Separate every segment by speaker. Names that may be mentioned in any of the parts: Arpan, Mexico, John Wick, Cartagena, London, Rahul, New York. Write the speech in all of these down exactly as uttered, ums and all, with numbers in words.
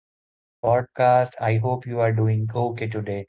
Speaker 1: welcome to the podcast. I hope you are doing okay today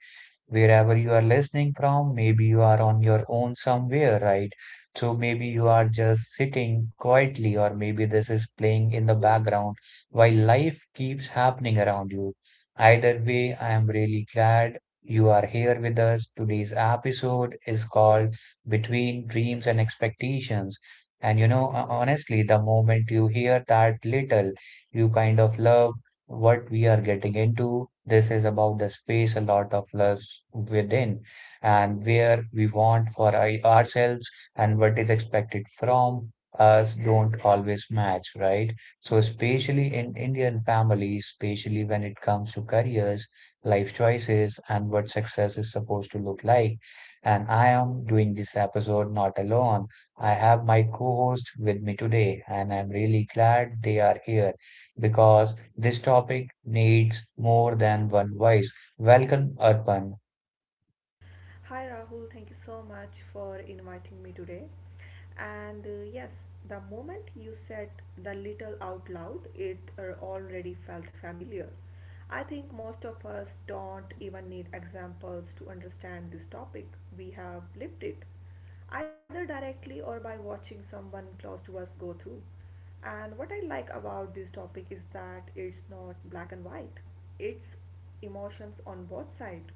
Speaker 1: wherever you are listening from. Maybe you are on your own somewhere, right? So maybe you are just sitting quietly, or maybe this is playing in the background while life keeps happening around you. Either way, I am really glad you are here with us. Today's episode is called Between Dreams and Expectations. And you know, ho- honestly, the moment you hear that little you kind of love what we are getting into. This is about the space a lot of us within and where we want for our- ourselves and what is expected from us don't always match, right? So, especially in Indian families, especially when it comes to careers, life choices, and what success is supposed to look like. And I am doing this episode not alone. I have my co host with me today, and I'm really glad they are here because this topic needs more than one voice. Welcome, Arpan.
Speaker 2: Hi Rahul, thank you so much for inviting me today. And uh, yes, the moment you said the little out loud, it uh, already felt familiar. I think most of us don't even need examples to understand this topic. We have lived it, either directly or by watching someone close to us go through. And what I like about this topic is that it's not black and white, it's emotions on both sides.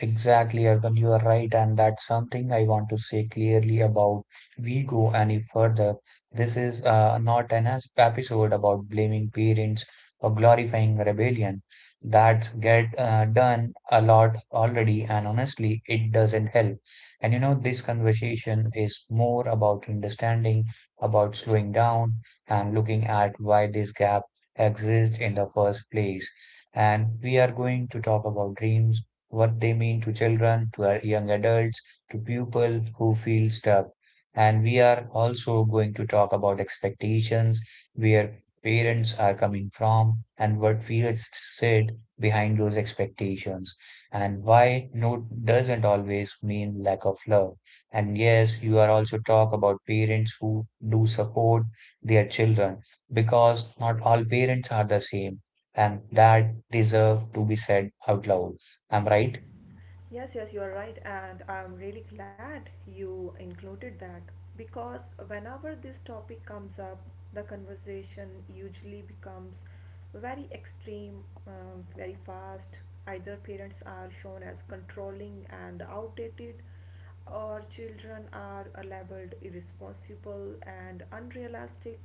Speaker 1: Exactly, Arkan, you are right, and that's something I want to say clearly about we go any further. This is uh, not an as- episode about blaming parents or glorifying rebellion. That's get uh, done a lot already, and honestly, it doesn't help. And you know, this conversation is more about understanding, about slowing down, and looking at why this gap exists in the first place. And we are going to talk about dreams what they mean to children, to our young adults, to people who feel stuck. And we are also going to talk about expectations, where parents are coming from, and what fears sit behind those expectations, and why no doesn't always mean lack of love. And yes, you are also talk about parents who do support their children because not all parents are the same, and that deserve to be said out loud. I'm right.
Speaker 2: Yes, yes, you are right, and I'm really glad you included that because whenever this topic comes up, the conversation usually becomes very extreme, um, very fast. Either parents are shown as controlling and outdated, or children are uh, labeled irresponsible and unrealistic.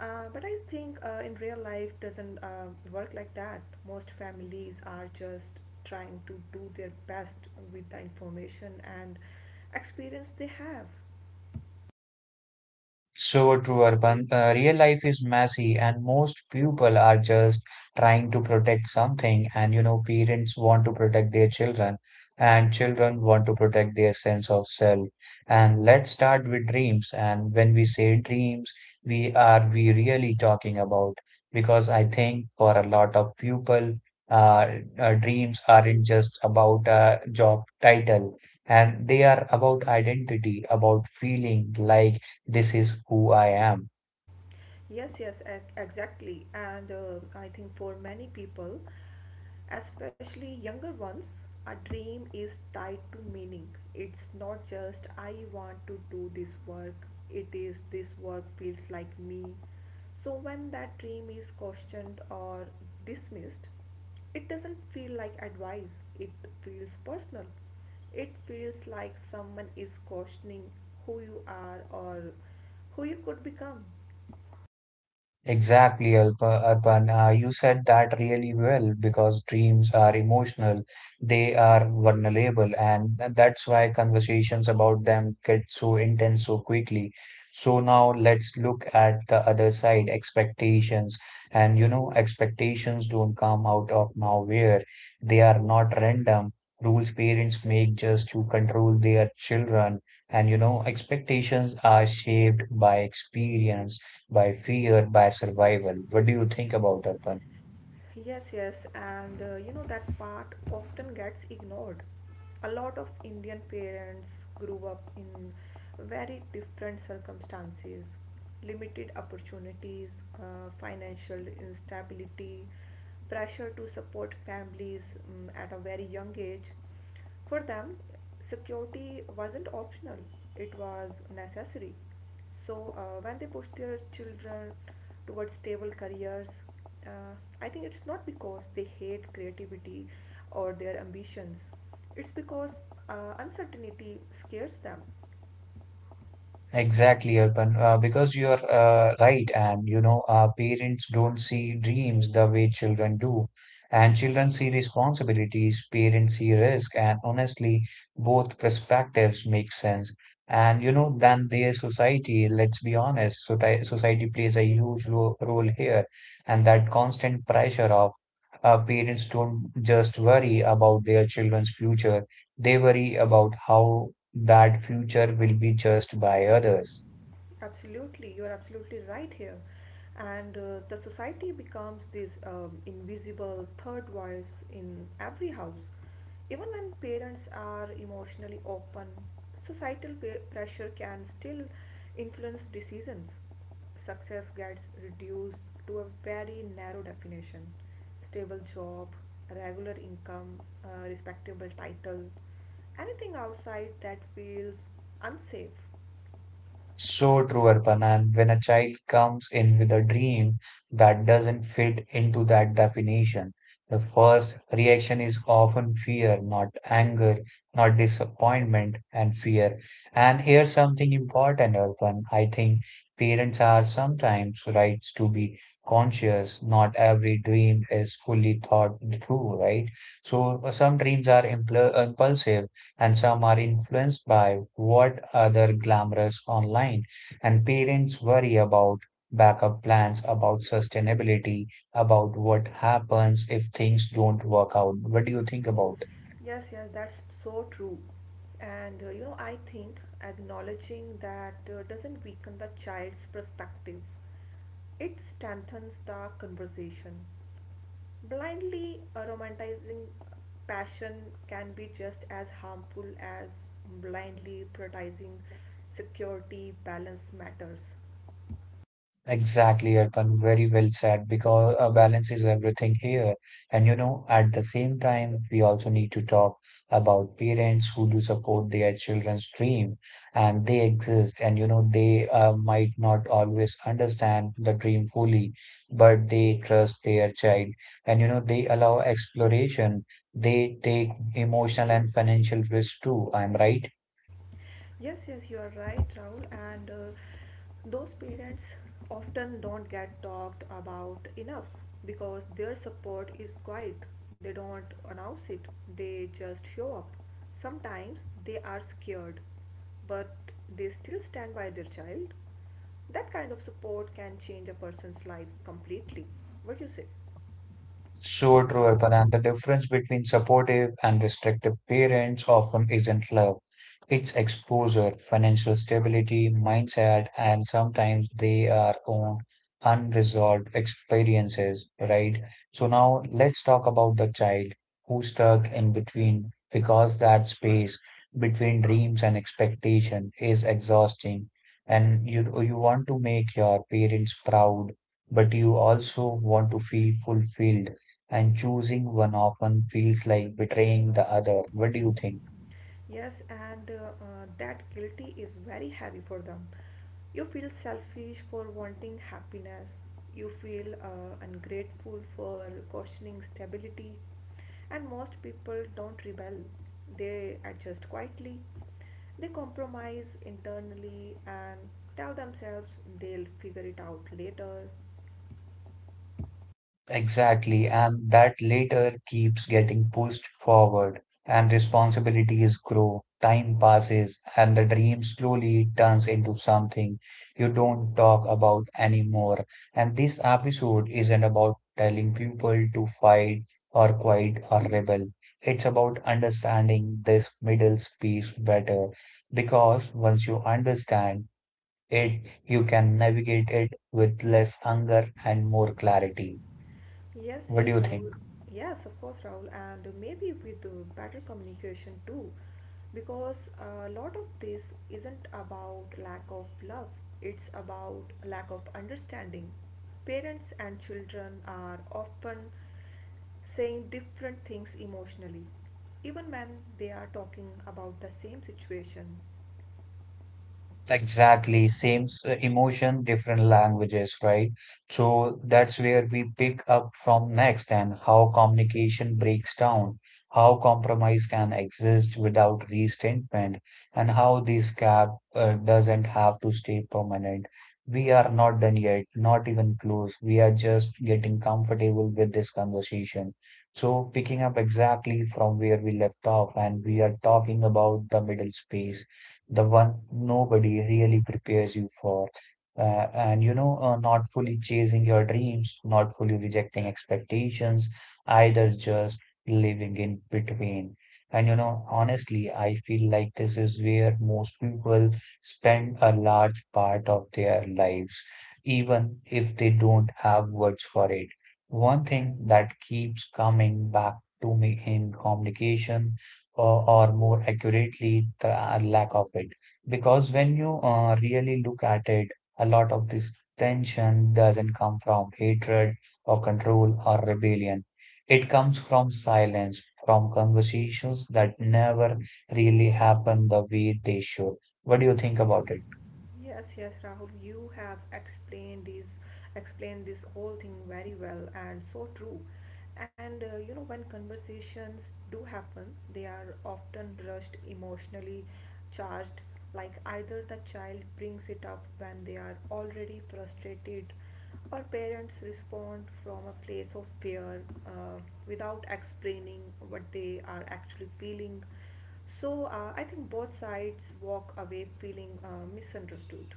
Speaker 2: Uh, but I think uh, in real life doesn't uh, work like that. Most families are just trying to do their best with the information and experience they have.
Speaker 1: So true, Urban. Uh, real life is messy, and most people are just trying to protect something. And you know, parents want to protect their children, and children want to protect their sense of self. And let's start with dreams. And when we say dreams, we are we really talking about? Because I think for a lot of people, uh, uh, dreams aren't just about a job title, and they are about identity, about feeling like this is who I am.
Speaker 2: Yes, yes, ex- exactly. And uh, I think for many people, especially younger ones, a dream is tied to meaning. It's not just I want to do this work, it is this work feels like me. So when that dream is questioned or dismissed, it doesn't feel like advice, it feels personal. It feels like someone is questioning who you are or who you could become.
Speaker 1: Exactly, Alpa- Arpan. Uh, you said that really well because dreams are emotional, they are vulnerable, and th- that's why conversations about them get so intense so quickly. So now let's look at the other side, expectations. And you know, expectations don't come out of nowhere. They are not random. Rules parents make just to control their children. And you know, expectations are shaped by experience by fear, by survival. What do you think about it, Arpan?
Speaker 2: Yes, yes, and uh, you know that part often gets ignored. A lot of Indian parents grew up in very different circumstances, limited opportunities, uh, financial instability, pressure to support families um, at a very young age. For them, security wasn't optional, it was necessary. So uh, when they push their children towards stable careers, uh, I think it's not because they hate creativity or their ambitions. It's because uh, uncertainty scares them.
Speaker 1: Exactly, Arpan, uh, because you are uh, right, and you know, uh, parents don't see dreams the way children do, and children see responsibilities, parents see risk, and honestly, both perspectives make sense. And you know, then their society, let's be honest, soci- society plays a huge ro role here, and that constant pressure of uh, parents don't just worry about their children's future, they worry about how that future will be judged by others.
Speaker 2: Absolutely, you're absolutely right here. And uh, the society becomes this um, invisible third voice in every house. Even when parents are emotionally open, societal pe- pressure can still influence decisions. Success gets reduced to a very narrow definition stable job, regular income, uh, respectable title, anything outside that feels unsafe.
Speaker 1: So true, Arpan. When a child comes in with a dream that doesn't fit into that definition, the first reaction is often fear, not anger, not disappointment, and fear. And here's something important, Arpan. I think parents are sometimes right to be conscious. Not every dream is fully thought through, right? So uh, some dreams are impl- impulsive and some are influenced by what other glamorous online and parents worry about backup plans about sustainability about what happens if things don't work out what do you think about
Speaker 2: Yes, yes, that's so true. And uh, you know, I think acknowledging that uh, doesn't weaken the child's perspective, it strengthens the conversation. Blindly uh, romanticizing passion can be just as harmful as blindly prioritizing security, balance matters.
Speaker 1: exactly, Arpan. Very well said because uh, balance is everything here. And you know, at the same time, we also need to talk about parents who do support their children's dream and they exist. And you know, they uh, might not always understand the dream fully, but they trust their child and you know, they allow exploration. They take emotional and financial risks too. I'm right.
Speaker 2: Yes, yes, you are right, Rahul. And uh, those parents often don't get talked about enough because their support is quiet. They don't announce it, they just show up. Sometimes they are scared, but they still stand by their child. That kind of support can change a person's life completely. What do you say?
Speaker 1: So true, Arpan, and the difference between supportive and restrictive parents often isn't love. It's exposure, financial stability, mindset, and sometimes they are own unresolved experiences, right? So now let's talk about the child who's stuck in between because that space between dreams and expectation is exhausting. And you you want to make your parents proud, but you also want to feel fulfilled and choosing one often feels like betraying the other. What do you think?
Speaker 2: Yes, and uh, uh, that guilty is very heavy for them. You feel selfish for wanting happiness. You feel uh, ungrateful for questioning stability. And most people don't rebel, they adjust quietly. They compromise internally and tell themselves they'll figure it out later.
Speaker 1: Exactly, and that later keeps getting pushed forward, and responsibilities grow, time passes, and the dream slowly turns into something you don't talk about anymore. And this episode isn't about telling people to fight or quit or rebel. It's about understanding this middle space better because once you understand, it you can navigate it with less anger and more clarity.
Speaker 2: Yes,
Speaker 1: What
Speaker 2: yes,
Speaker 1: do you
Speaker 2: Rahul.
Speaker 1: think?
Speaker 2: Yes, of course, Rahul, and maybe with uh, better communication too, because a lot of this isn't about lack of love, it's about lack of understanding. Parents and children are often saying different things emotionally, even when they are talking about the same situation.
Speaker 1: Exactly, same s- emotion, different languages, right? So that's where we pick up from next and how communication breaks down, how compromise can exist without resentment, and how this gap uh, doesn't have to stay permanent. We are not done yet, not even close. We are just getting comfortable with this conversation. So, picking up exactly from where we left off, and we are talking about the middle space the one nobody really prepares you for. Uh, and you know, uh, not fully chasing your dreams, not fully rejecting expectations, either just living in between. And you know, honestly, I feel like this is where most people spend a large part of their lives, even if they don't have words for it. One thing that keeps coming back to me in communication or, or more accurately, the uh, lack of it. Because when you uh, really look at it, a lot of this tension doesn't come from hatred or control or rebellion. It comes from silence, from conversations that never really happen the way they should. What do you think about it?
Speaker 2: Yes, yes, Rahul, you have explained this explained this whole thing very well and so true. And uh, you know, when conversations do happen, they are often rushed, emotionally charged. Like either the child brings it up when they are already frustrated, or parents respond from a place of fear uh, without explaining what they are actually feeling. So uh, I think both sides walk away feeling uh, misunderstood,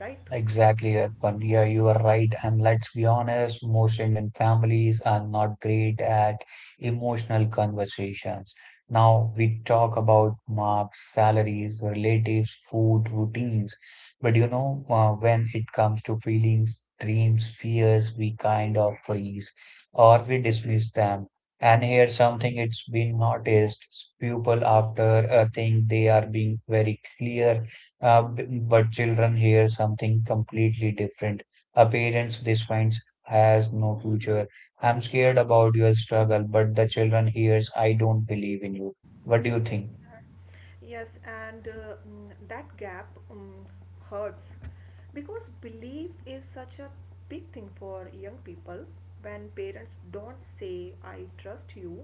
Speaker 2: right?
Speaker 1: Exactly, Arpan. Yeah, you are right. And let's be honest, most Indian families are not great at emotional conversations. Now we talk about marks, salaries, relatives, food, routines. But you know, uh, when it comes to feelings, dreams, fears, we kind of freeze or we dismiss them. And here's something it's been noticed. People after uh, think they are being very clear uh, b- but children hear something completely different. A parents this finds has no future. I'm scared about your struggle, but the children hears I don't believe in you. What do you think?
Speaker 2: Yes, and uh, mm, that gap um, hurts because belief is such a big thing for young people. When parents don't say, I trust you,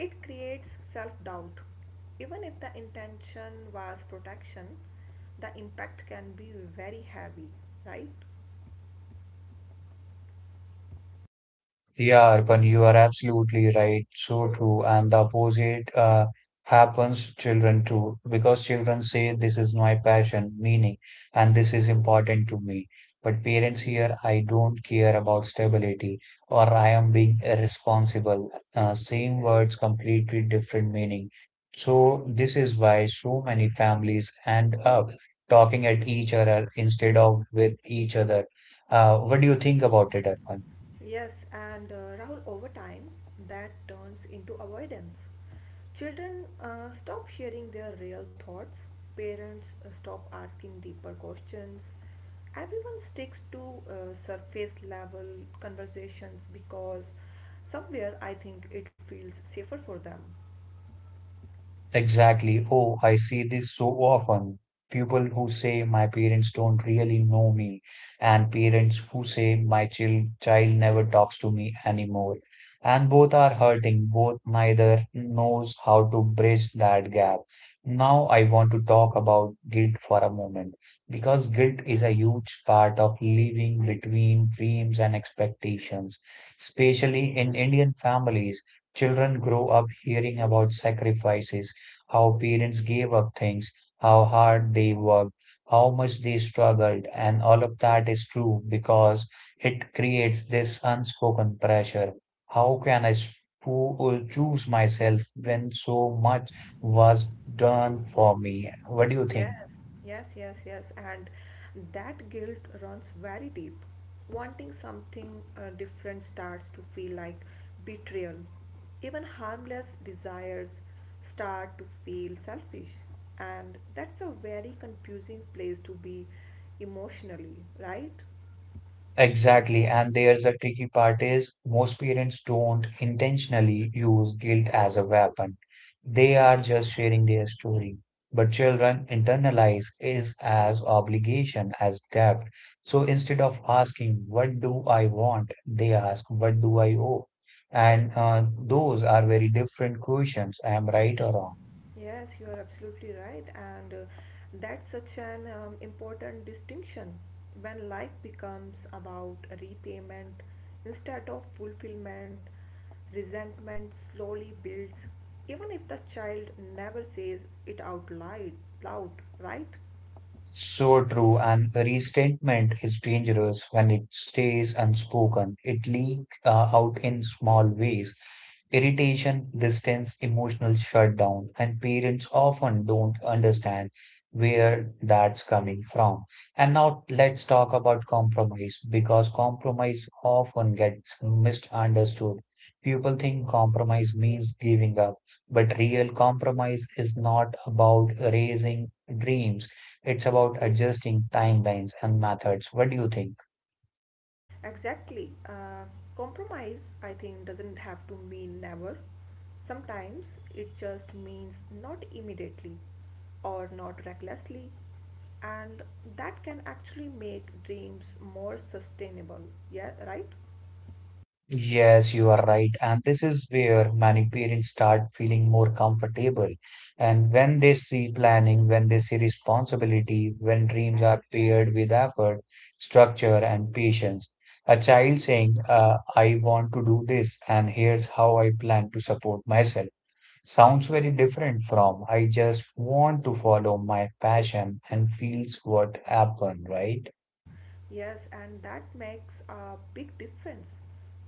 Speaker 2: it creates self doubt. Even if the intention was protection, the impact can be very heavy, right?
Speaker 1: Yeah, Arpan, you are absolutely right. So true. And the opposite uh, happens children too, because children say this is my passion, meaning, and this is important to me. But parents here, I don't care about stability or I am being irresponsible. Uh, same words, completely different meaning. So this is why so many families end up talking at each other instead of with each other. Uh, what do you think about it, Arpan?
Speaker 2: Yes, and uh, Rahul, over time, that turns into avoidance. Children uh, stop sharing their real thoughts, parents uh, stop asking deeper questions. Everyone sticks to uh, surface level conversations because somewhere I think it feels safer for them.
Speaker 1: Exactly. Oh, I see this so often. People who say my parents don't really know me, and parents who say my chil child never talks to me anymore. And both are hurting, both neither knows how to bridge that gap. Now I want to talk about guilt for a moment, because guilt is a huge part of living between dreams and expectations, especially in Indian families. Children grow up hearing about sacrifices how parents gave up things, how hard they worked, how much they struggled, and all of that is true because it creates this unspoken pressure. How can I spo- choose myself when so much was done for me? What do you think?
Speaker 2: Yes, yes, yes, yes. And that guilt runs very deep. Wanting something uh, different starts to feel like betrayal. Even harmless desires start to feel selfish. And that's a very confusing place to be emotionally, right?
Speaker 1: Exactly, and there's a tricky part is most parents don't intentionally use guilt as a weapon. They are just sharing their story. But children internalize is as obligation as debt. So instead of asking, what do I want? They ask, what do I owe? And uh, those are very different questions. I am right or wrong.
Speaker 2: Yes, you are absolutely right, and uh, that's such an um, important distinction when life becomes about repayment instead of fulfillment, resentment slowly builds, even if the child never says it out loud, loud, right?
Speaker 1: So true, and restatement is dangerous when it stays unspoken. It leaks uh, out in small ways. Irritation, distance, emotional shutdown, and parents often don't understand where that's coming from. And now let's talk about compromise because compromise often gets misunderstood. People think compromise means giving up, but real compromise is not about raising dreams. It's about adjusting timelines and methods. What do you think?
Speaker 2: Exactly. Uh, compromise, I think, doesn't have to mean never. Sometimes it just means not immediately or not recklessly, and that can actually make dreams more sustainable. Yeah, right?
Speaker 1: Yes, you are right. And this is where many parents start feeling more comfortable. And when they see planning, when they see responsibility, when dreams are paired with effort, structure, and patience, a child saying, uh, I want to do this, and here's how I plan to support myself, sounds very different from I just want to follow my passion and feels what happened, right?
Speaker 2: Yes, and that makes a big difference.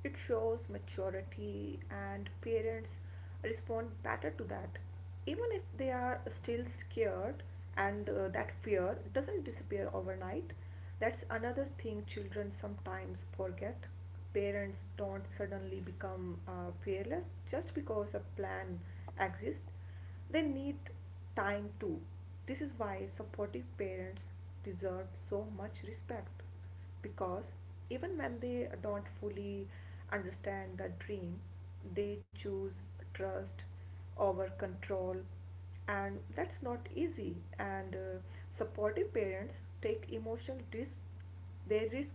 Speaker 2: It shows maturity, and parents respond better to that. Even if they are still scared, and uh, that fear doesn't disappear overnight. That's another thing children sometimes forget. Parents don't suddenly become uh, fearless just because a plan exists. They need time too. This is why supportive parents deserve so much respect because even when they don't fully understand the dream, they choose trust over control, and that's not easy. And uh, supportive parents take emotional risk they risk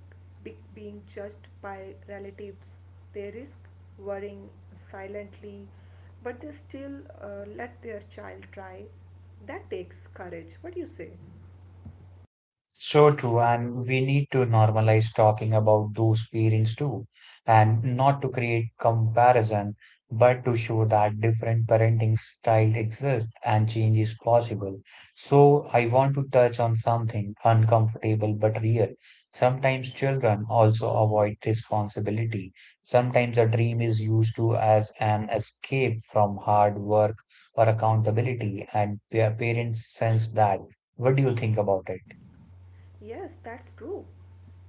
Speaker 2: being judged by relatives, they risk worrying silently, but they still uh, let their child try. That takes courage. What do you say?
Speaker 1: So true, and we need to normalize talking about those parents too, and not to create comparison, but to show that different parenting styles exist and change is possible. So I want to touch on something uncomfortable but real. Sometimes children also avoid responsibility. Sometimes a dream is used to as an escape from hard work or accountability, and pa- parents sense that. What do you think about it?
Speaker 2: Yes, that's true.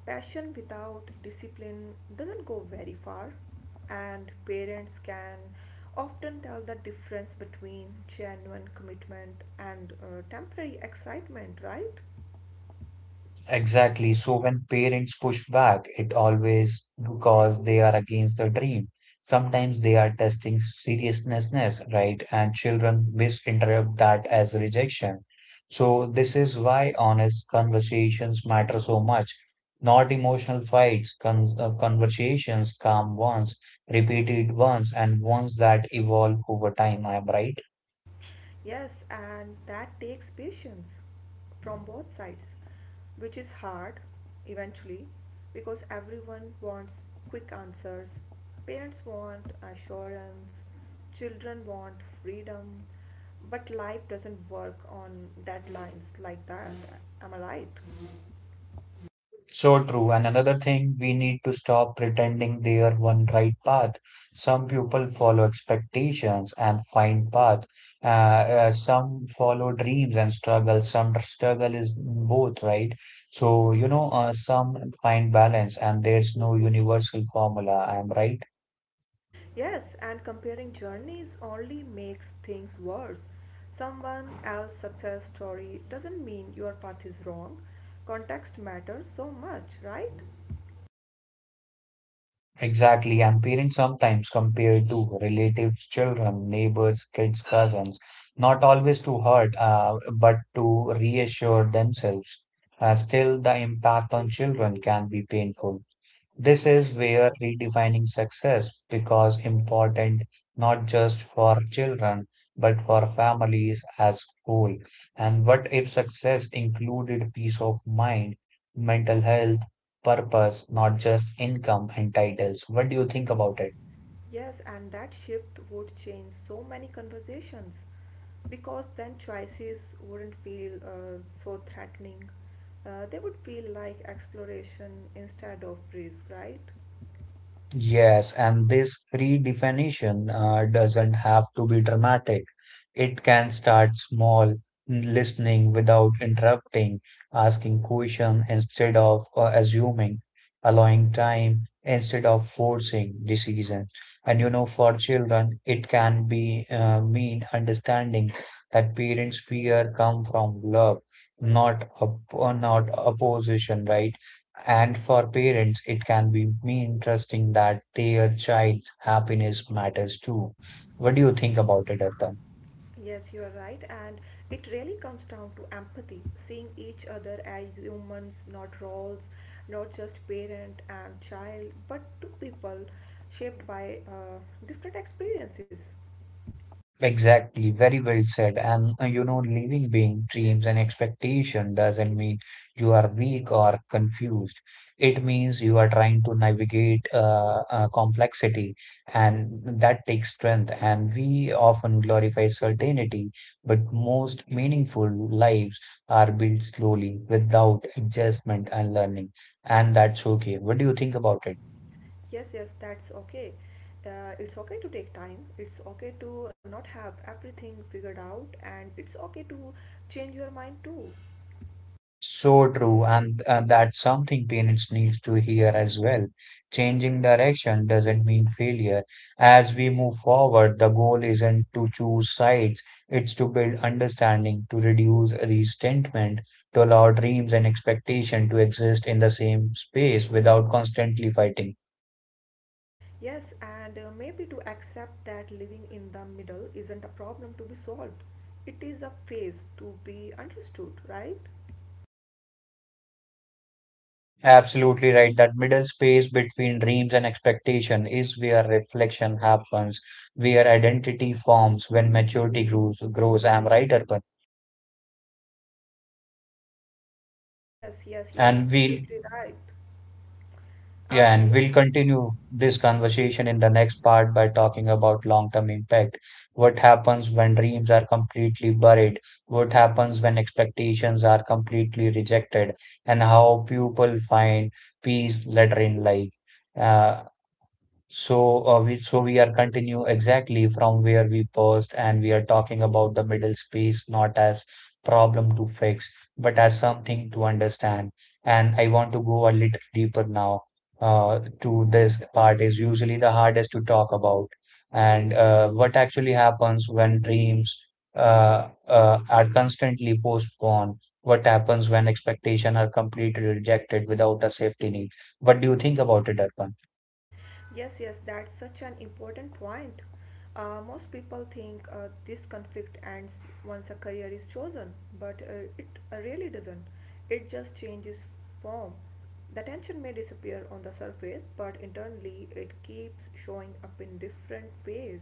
Speaker 2: Passion without discipline doesn't go very far, and parents can often tell the difference between genuine commitment and uh, temporary excitement, right?
Speaker 1: Exactly. So when parents push back, it always because they are against the dream. Sometimes they are testing seriousness, right? And children misinterpret that as rejection. So this is why honest conversations matter so much. Not emotional fights, con uh, conversations, calm ones, repeated ones, and ones that evolve over time. I am right.
Speaker 2: Yes, and that takes patience from both sides, which is hard eventually because everyone wants quick answers. Parents want assurance, children want freedom, but life doesn't work on deadlines like that. Am I right?
Speaker 1: So true. And another thing, we need to stop pretending they are one right path. Some people follow expectations and find path. Uh, uh, some follow dreams and struggle. Some struggle is both, right? So, you know, uh, some find balance and there's no universal formula. I'm right.
Speaker 2: Yes, and comparing journeys only makes things worse. Someone else's success story doesn't mean your path is wrong. Context matters so much, right?
Speaker 1: Exactly, and parents sometimes compare to relatives, children, neighbors, kids, cousins, not always to hurt, uh, but to reassure themselves. Uh, still, the impact on children can be painful. This is where redefining success becomes important not just for children but for families as whole. And what if success included peace of mind, mental health, purpose, not just income and titles? What do you think about it?
Speaker 2: Yes, and that shift would change so many conversations because then choices wouldn't feel uh, so threatening. Uh, they would feel like exploration instead of risk, right?
Speaker 1: Yes, and this redefinition uh, doesn't have to be dramatic. It can start small, listening without interrupting, asking question instead of uh, assuming, allowing time instead of forcing decisions. And you know, for children, it can be uh, mean understanding that parents' fear come from love, not op- uh, not opposition, right? And for parents, it can be me interesting that their child's happiness matters too. What do you think about it, Arpan?
Speaker 2: Yes, you are right, and it really comes down to empathy, seeing each other as humans, not roles, not just parent and child, but two people shaped by uh, different experiences.
Speaker 1: Exactly, very well said. And uh, you know, living being dreams and expectation doesn't mean you are weak or confused. It means you are trying to navigate uh, uh, complexity, and that takes strength. And we often glorify certainty, but most meaningful lives are built slowly, without adjustment and learning. And that's okay. What do you think about it?
Speaker 2: Yes, yes, that's okay. Uh, it's okay to take time, it's okay to not have everything figured out, and it's okay to change your mind too.
Speaker 1: So true, and uh, that's something parents need to hear as well. Changing direction doesn't mean failure. As we move forward, the goal isn't to choose sides, it's to build understanding, to reduce resentment, to allow dreams and expectation to exist in the same space without constantly fighting.
Speaker 2: Yes, and uh, maybe to accept that living in the middle isn't a problem to be solved. It is a phase to be understood, right?
Speaker 1: Absolutely right. That middle space between dreams and expectation is where reflection happens, where identity forms when maturity grows. Grows. I'm right, Arpan.
Speaker 2: Yes, yes, yes, you're
Speaker 1: And we'll,
Speaker 2: absolutely right.
Speaker 1: yeah, and
Speaker 2: Okay,
Speaker 1: we'll continue this conversation in the next part by talking about long-term impact. What happens when dreams are completely buried? What happens when expectations are completely rejected? And how people find peace later in life. Uh, so, uh, we so we are continue exactly from where we paused, and we are talking about the middle space not as problem to fix, but as something to understand. And I want to go a little deeper now. Uh, to this part is usually the hardest to talk about, and uh, what actually happens when dreams uh, uh, are constantly postponed. What happens when expectations are completely rejected without a safety net? What do you think about it, Arpan?
Speaker 2: yes, yes, that's such an important point. Uh, most people think uh, this conflict ends once a career is chosen, but uh, it uh, really doesn't. It just changes form. The tension may disappear on the surface, but internally it keeps showing up in different ways.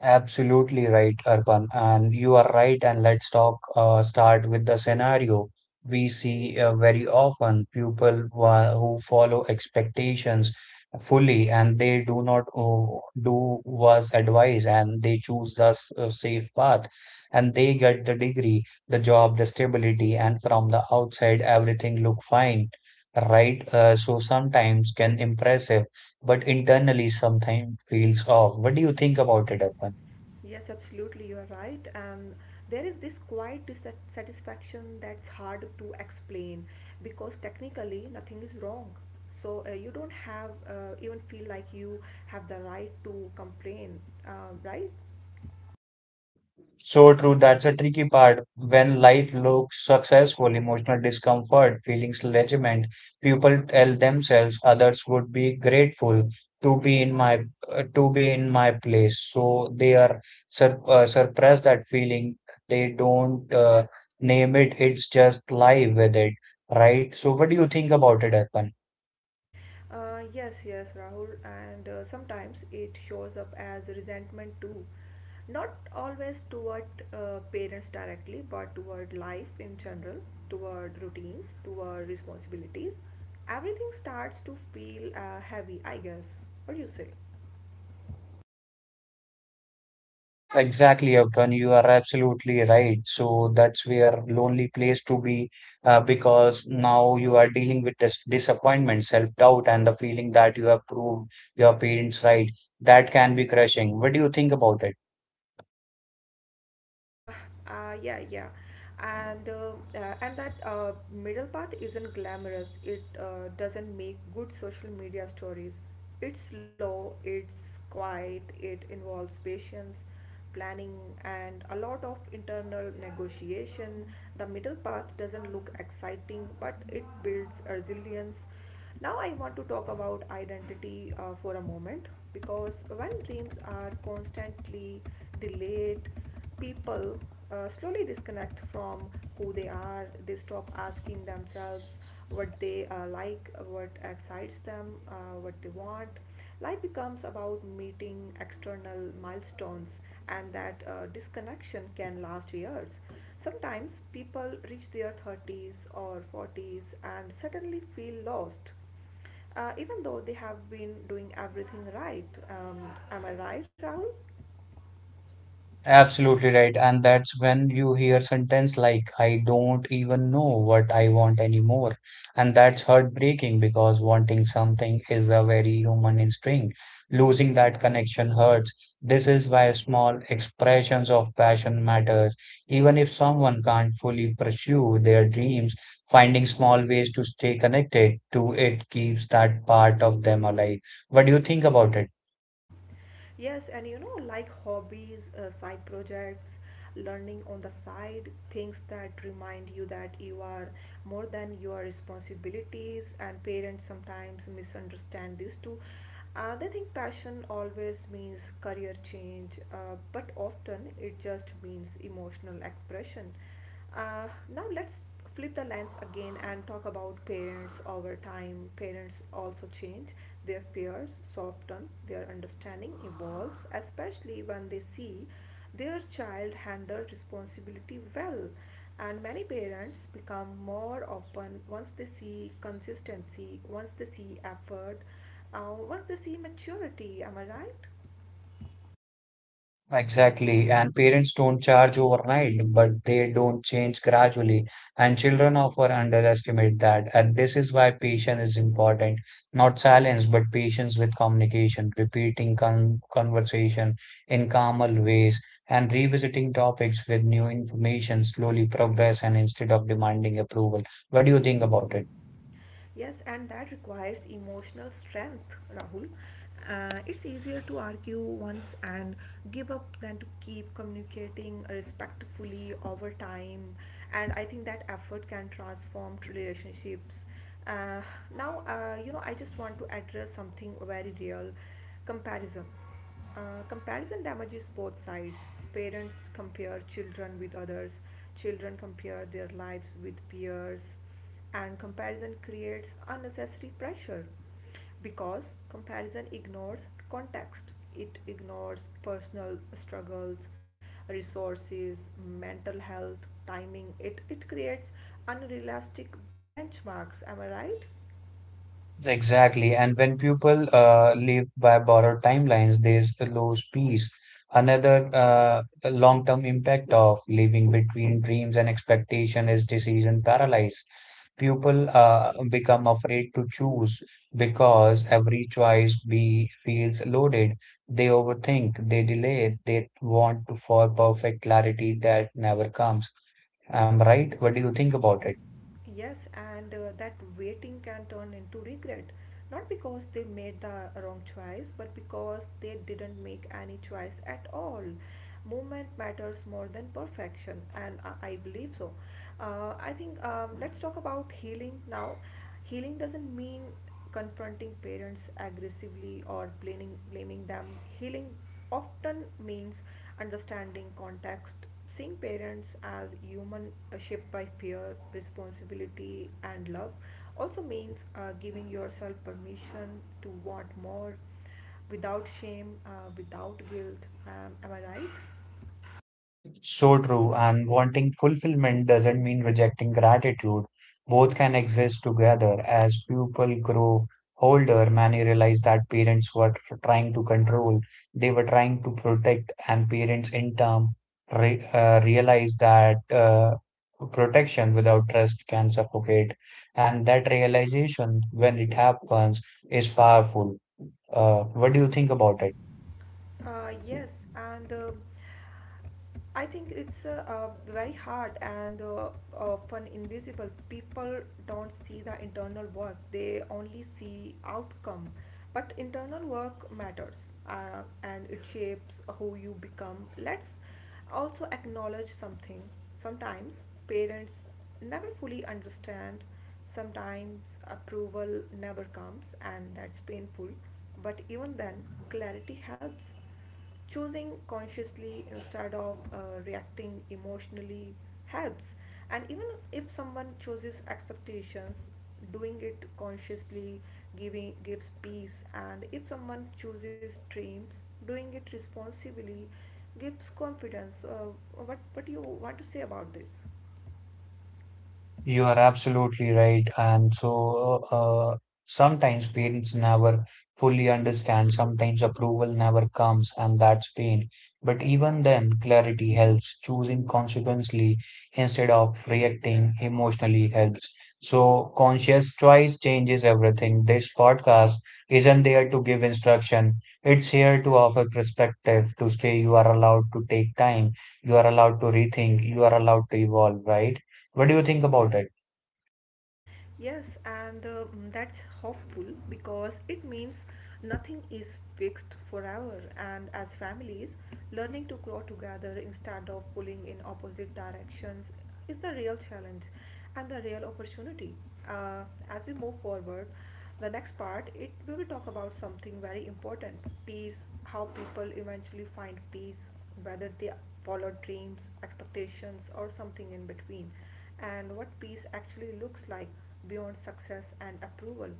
Speaker 1: Absolutely right, Arpan, and you are right. And let's talk uh, start with the scenario we see uh, very often people wha- who follow expectations fully and they do not uh, do was advised and they choose the s- uh, safe path and they get the degree, the job, the stability, and from the outside everything look fine, right? Uh, so sometimes can impressive, but internally sometimes feels off. What do you think about it, Arpan?
Speaker 2: Yes, absolutely, you are right. And there is this quiet dissatisfaction that's hard to explain because technically nothing is wrong. So uh, you don't have uh, even feel like you have the right to complain, uh, right?
Speaker 1: So true, that's a tricky part. When life looks successful, emotional discomfort, feelings legitiment, people tell themselves others would be grateful to be in my uh, to be in my place. So they are sur uh, suppress that feeling. They don't uh, name it. It's just live with it, right? So what do you think about it, Arpan?
Speaker 2: Uh, yes, yes, Rahul, and uh, sometimes it shows up as resentment too. Not always toward uh, parents directly, but toward life in general, toward routines, toward responsibilities. Everything starts to feel uh, heavy, I guess. What do you say?
Speaker 1: Exactly, Upton, you are absolutely right. So that's where lonely place to be, uh, because now you are dealing with dis disappointment, self-doubt, and the feeling that you have proved your parents right. That can be crushing. What do you think about it?
Speaker 2: Uh, uh, yeah, yeah, and uh, uh, and that uh, middle path isn't glamorous. It uh, doesn't make good social media stories. It's slow. It's quiet. It involves patience, planning, and a lot of internal negotiation. The middle path doesn't look exciting, but it builds resilience. Now, I want to talk about identity uh, for a moment because when dreams are constantly delayed, people uh, slowly disconnect from who they are, they stop asking themselves what they uh, like, what excites them, uh, what they want. Life becomes about meeting external milestones, and that uh, disconnection can last years. Sometimes people reach their thirties or forties and suddenly feel lost, uh, even though they have been doing everything right. Um, am I right, Rahul?
Speaker 1: Absolutely right. And that's when you hear sentence like, I don't even know what I want anymore. And that's heartbreaking because wanting something is a very human instinct. Losing that connection hurts. This is why small expressions of passion matters. Even if someone can't fully pursue their dreams, finding small ways to stay connected to it keeps that part of them alive. What do you think about it?
Speaker 2: Yes, and you know, like hobbies, uh, side projects, learning on the side, things that remind you that you are more than your responsibilities, and parents sometimes misunderstand this too. Uh, they think passion always means career change, uh, but often it just means emotional expression. Uh, now let's flip the lens again and talk about parents over time. Parents also change, their fears soften, their understanding evolves, especially when they see their child handle responsibility well. And many parents become more open once they see consistency, once they see effort, uh, once they see maturity. Am I right?
Speaker 1: Exactly, and parents don't charge overnight, but they don't change gradually. And children often underestimate that. And this is why patience is important. Not silence, but patience with communication, repeating con conversation in calmer ways, and revisiting topics with new information, slowly progress, and instead of demanding approval. What do you think about it?
Speaker 2: Yes, and that requires emotional strength, Rahul. Uh, it's easier to argue once and give up than to keep communicating respectfully over time. And I think that effort can transform t- relationships. Uh, now, uh, you know, I just want to address something very real comparison. Uh, comparison damages both sides. Parents compare children with others, children compare their lives with peers, and comparison creates unnecessary pressure because comparison ignores context. It ignores personal struggles, resources, mental health, timing. It, it creates unrealistic benchmarks. Am I right?
Speaker 1: Exactly. And when people uh, live by borrowed timelines, they lose peace. Another uh, long-term impact of living between dreams and expectation is decision paralysis. People uh, become afraid to choose because every choice be feels loaded. They overthink, they delay, they want to for perfect clarity that never comes. I'm right. What do you think about it?
Speaker 2: Yes, and uh, that waiting can turn into regret, not because they made the wrong choice, but because they didn't make any choice at all. Movement matters more than perfection, and I, I believe so. Uh, I think um, let's talk about healing now. Healing doesn't mean confronting parents aggressively or blaming, blaming them. Healing often means understanding context. Seeing parents as human uh, shaped by fear, responsibility, and love also means uh, giving yourself permission to want more without shame, uh, without guilt. Um, am I right?
Speaker 1: So true, and wanting fulfillment doesn't mean rejecting gratitude. Both can exist together. As people grow older, many realize that parents were tr- trying to control, they were trying to protect, and parents in turn re uh, realize that uh, protection without trust can suffocate. And that realization, when it happens, is powerful. Uh, what do you think about it?
Speaker 2: Uh, yes, and uh, I think it's uh, uh, very hard and uh, often invisible. People don't see the internal work; they only see outcome. But internal work matters, uh, and it shapes who you become. Let's also acknowledge something sometimes parents never fully understand, sometimes approval never comes, and that's painful. But even then, clarity helps, choosing consciously instead of uh, reacting emotionally helps. And even if someone chooses expectations, doing it consciously giving gives peace, and if someone chooses dreams, doing it responsibly gives confidence. Uh, what what do you want to say about this?
Speaker 1: You are absolutely right. And so uh, sometimes parents never fully understand, sometimes approval never comes, and that's pain. But even then, clarity helps. Choosing consequently instead of reacting emotionally helps. So conscious choice changes everything. This podcast isn't there to give instruction. It's here to offer perspective, to stay you are allowed to take time, you are allowed to rethink, you are allowed to evolve, right? What do you think about it?
Speaker 2: Yes, and uh, mm, that's hopeful because it means nothing is fixed forever. And as families, learning to grow together instead of pulling in opposite directions is the real challenge and the real opportunity. Uh, as we move forward, the next part it we will talk about something very important: peace. How people eventually find peace, whether they follow dreams, expectations, or something in between, and what peace actually looks like beyond success and approval.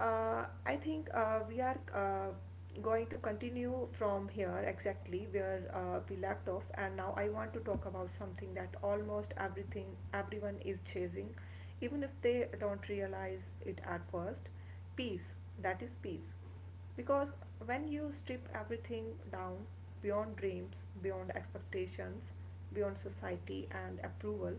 Speaker 2: Uh, I think uh, we are uh, going to continue from here exactly where uh, we left off, and now I want to talk about something that almost everything everyone is chasing, even if they don't realize it at first. Peace. That is peace because when you strip everything down beyond dreams, beyond expectations, beyond society and approval,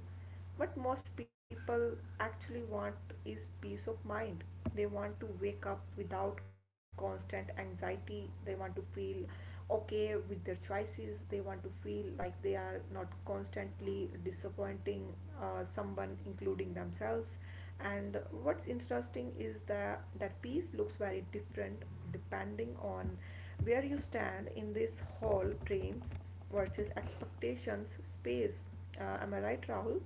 Speaker 2: what most people actually want is peace of mind. They want to wake up without constant anxiety, they want to feel okay with their choices, they want to feel like they are not constantly disappointing uh, someone including themselves. And what's interesting is that that piece looks very different depending on where you stand in this whole dreams versus expectations space. uh, am I right, Rahul?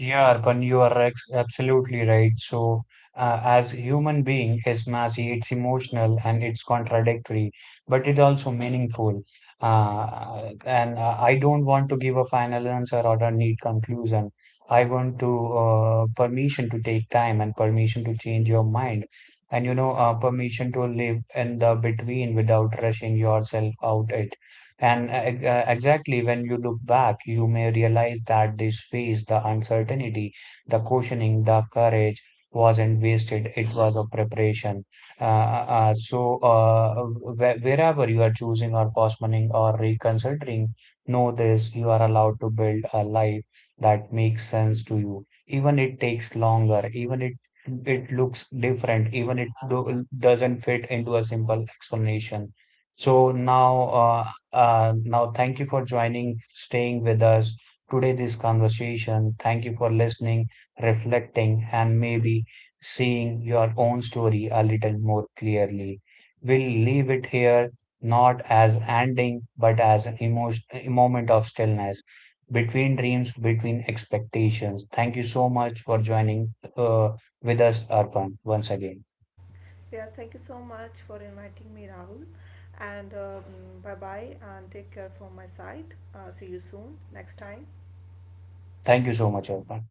Speaker 1: Yeah, Arpan, you are ex- absolutely right. So, uh, as human being is messy, it's emotional and it's contradictory, but it's also meaningful. Uh, and uh, I don't want to give a final answer or a neat conclusion. I want to uh, permission to take time and permission to change your mind, and you know, uh, permission to live in the between without rushing yourself out it. And uh, uh, exactly when you look back, you may realize that this phase, the uncertainty, the cautioning, the courage wasn't wasted. It was a preparation. Uh, uh, uh, so, uh, wh- wherever you are choosing or postponing or reconsidering, know this, you are allowed to build a life that makes sense to you. Even it takes longer, even it it looks different, even it do, doesn't fit into a simple explanation. So now uh, uh, now, thank you for joining, staying with us today, this conversation. Thank you for listening, reflecting, and maybe seeing your own story a little more clearly. We'll leave it here, not as ending, but as an emotion, a moment of stillness between dreams, between expectations. Thank you so much for joining uh, with us, Arpan, once again.
Speaker 2: Yes, thank you so much for inviting me, Rahul, and um, bye bye and take care from my side. uh, see you soon next time.
Speaker 1: Thank you so much, Arpan.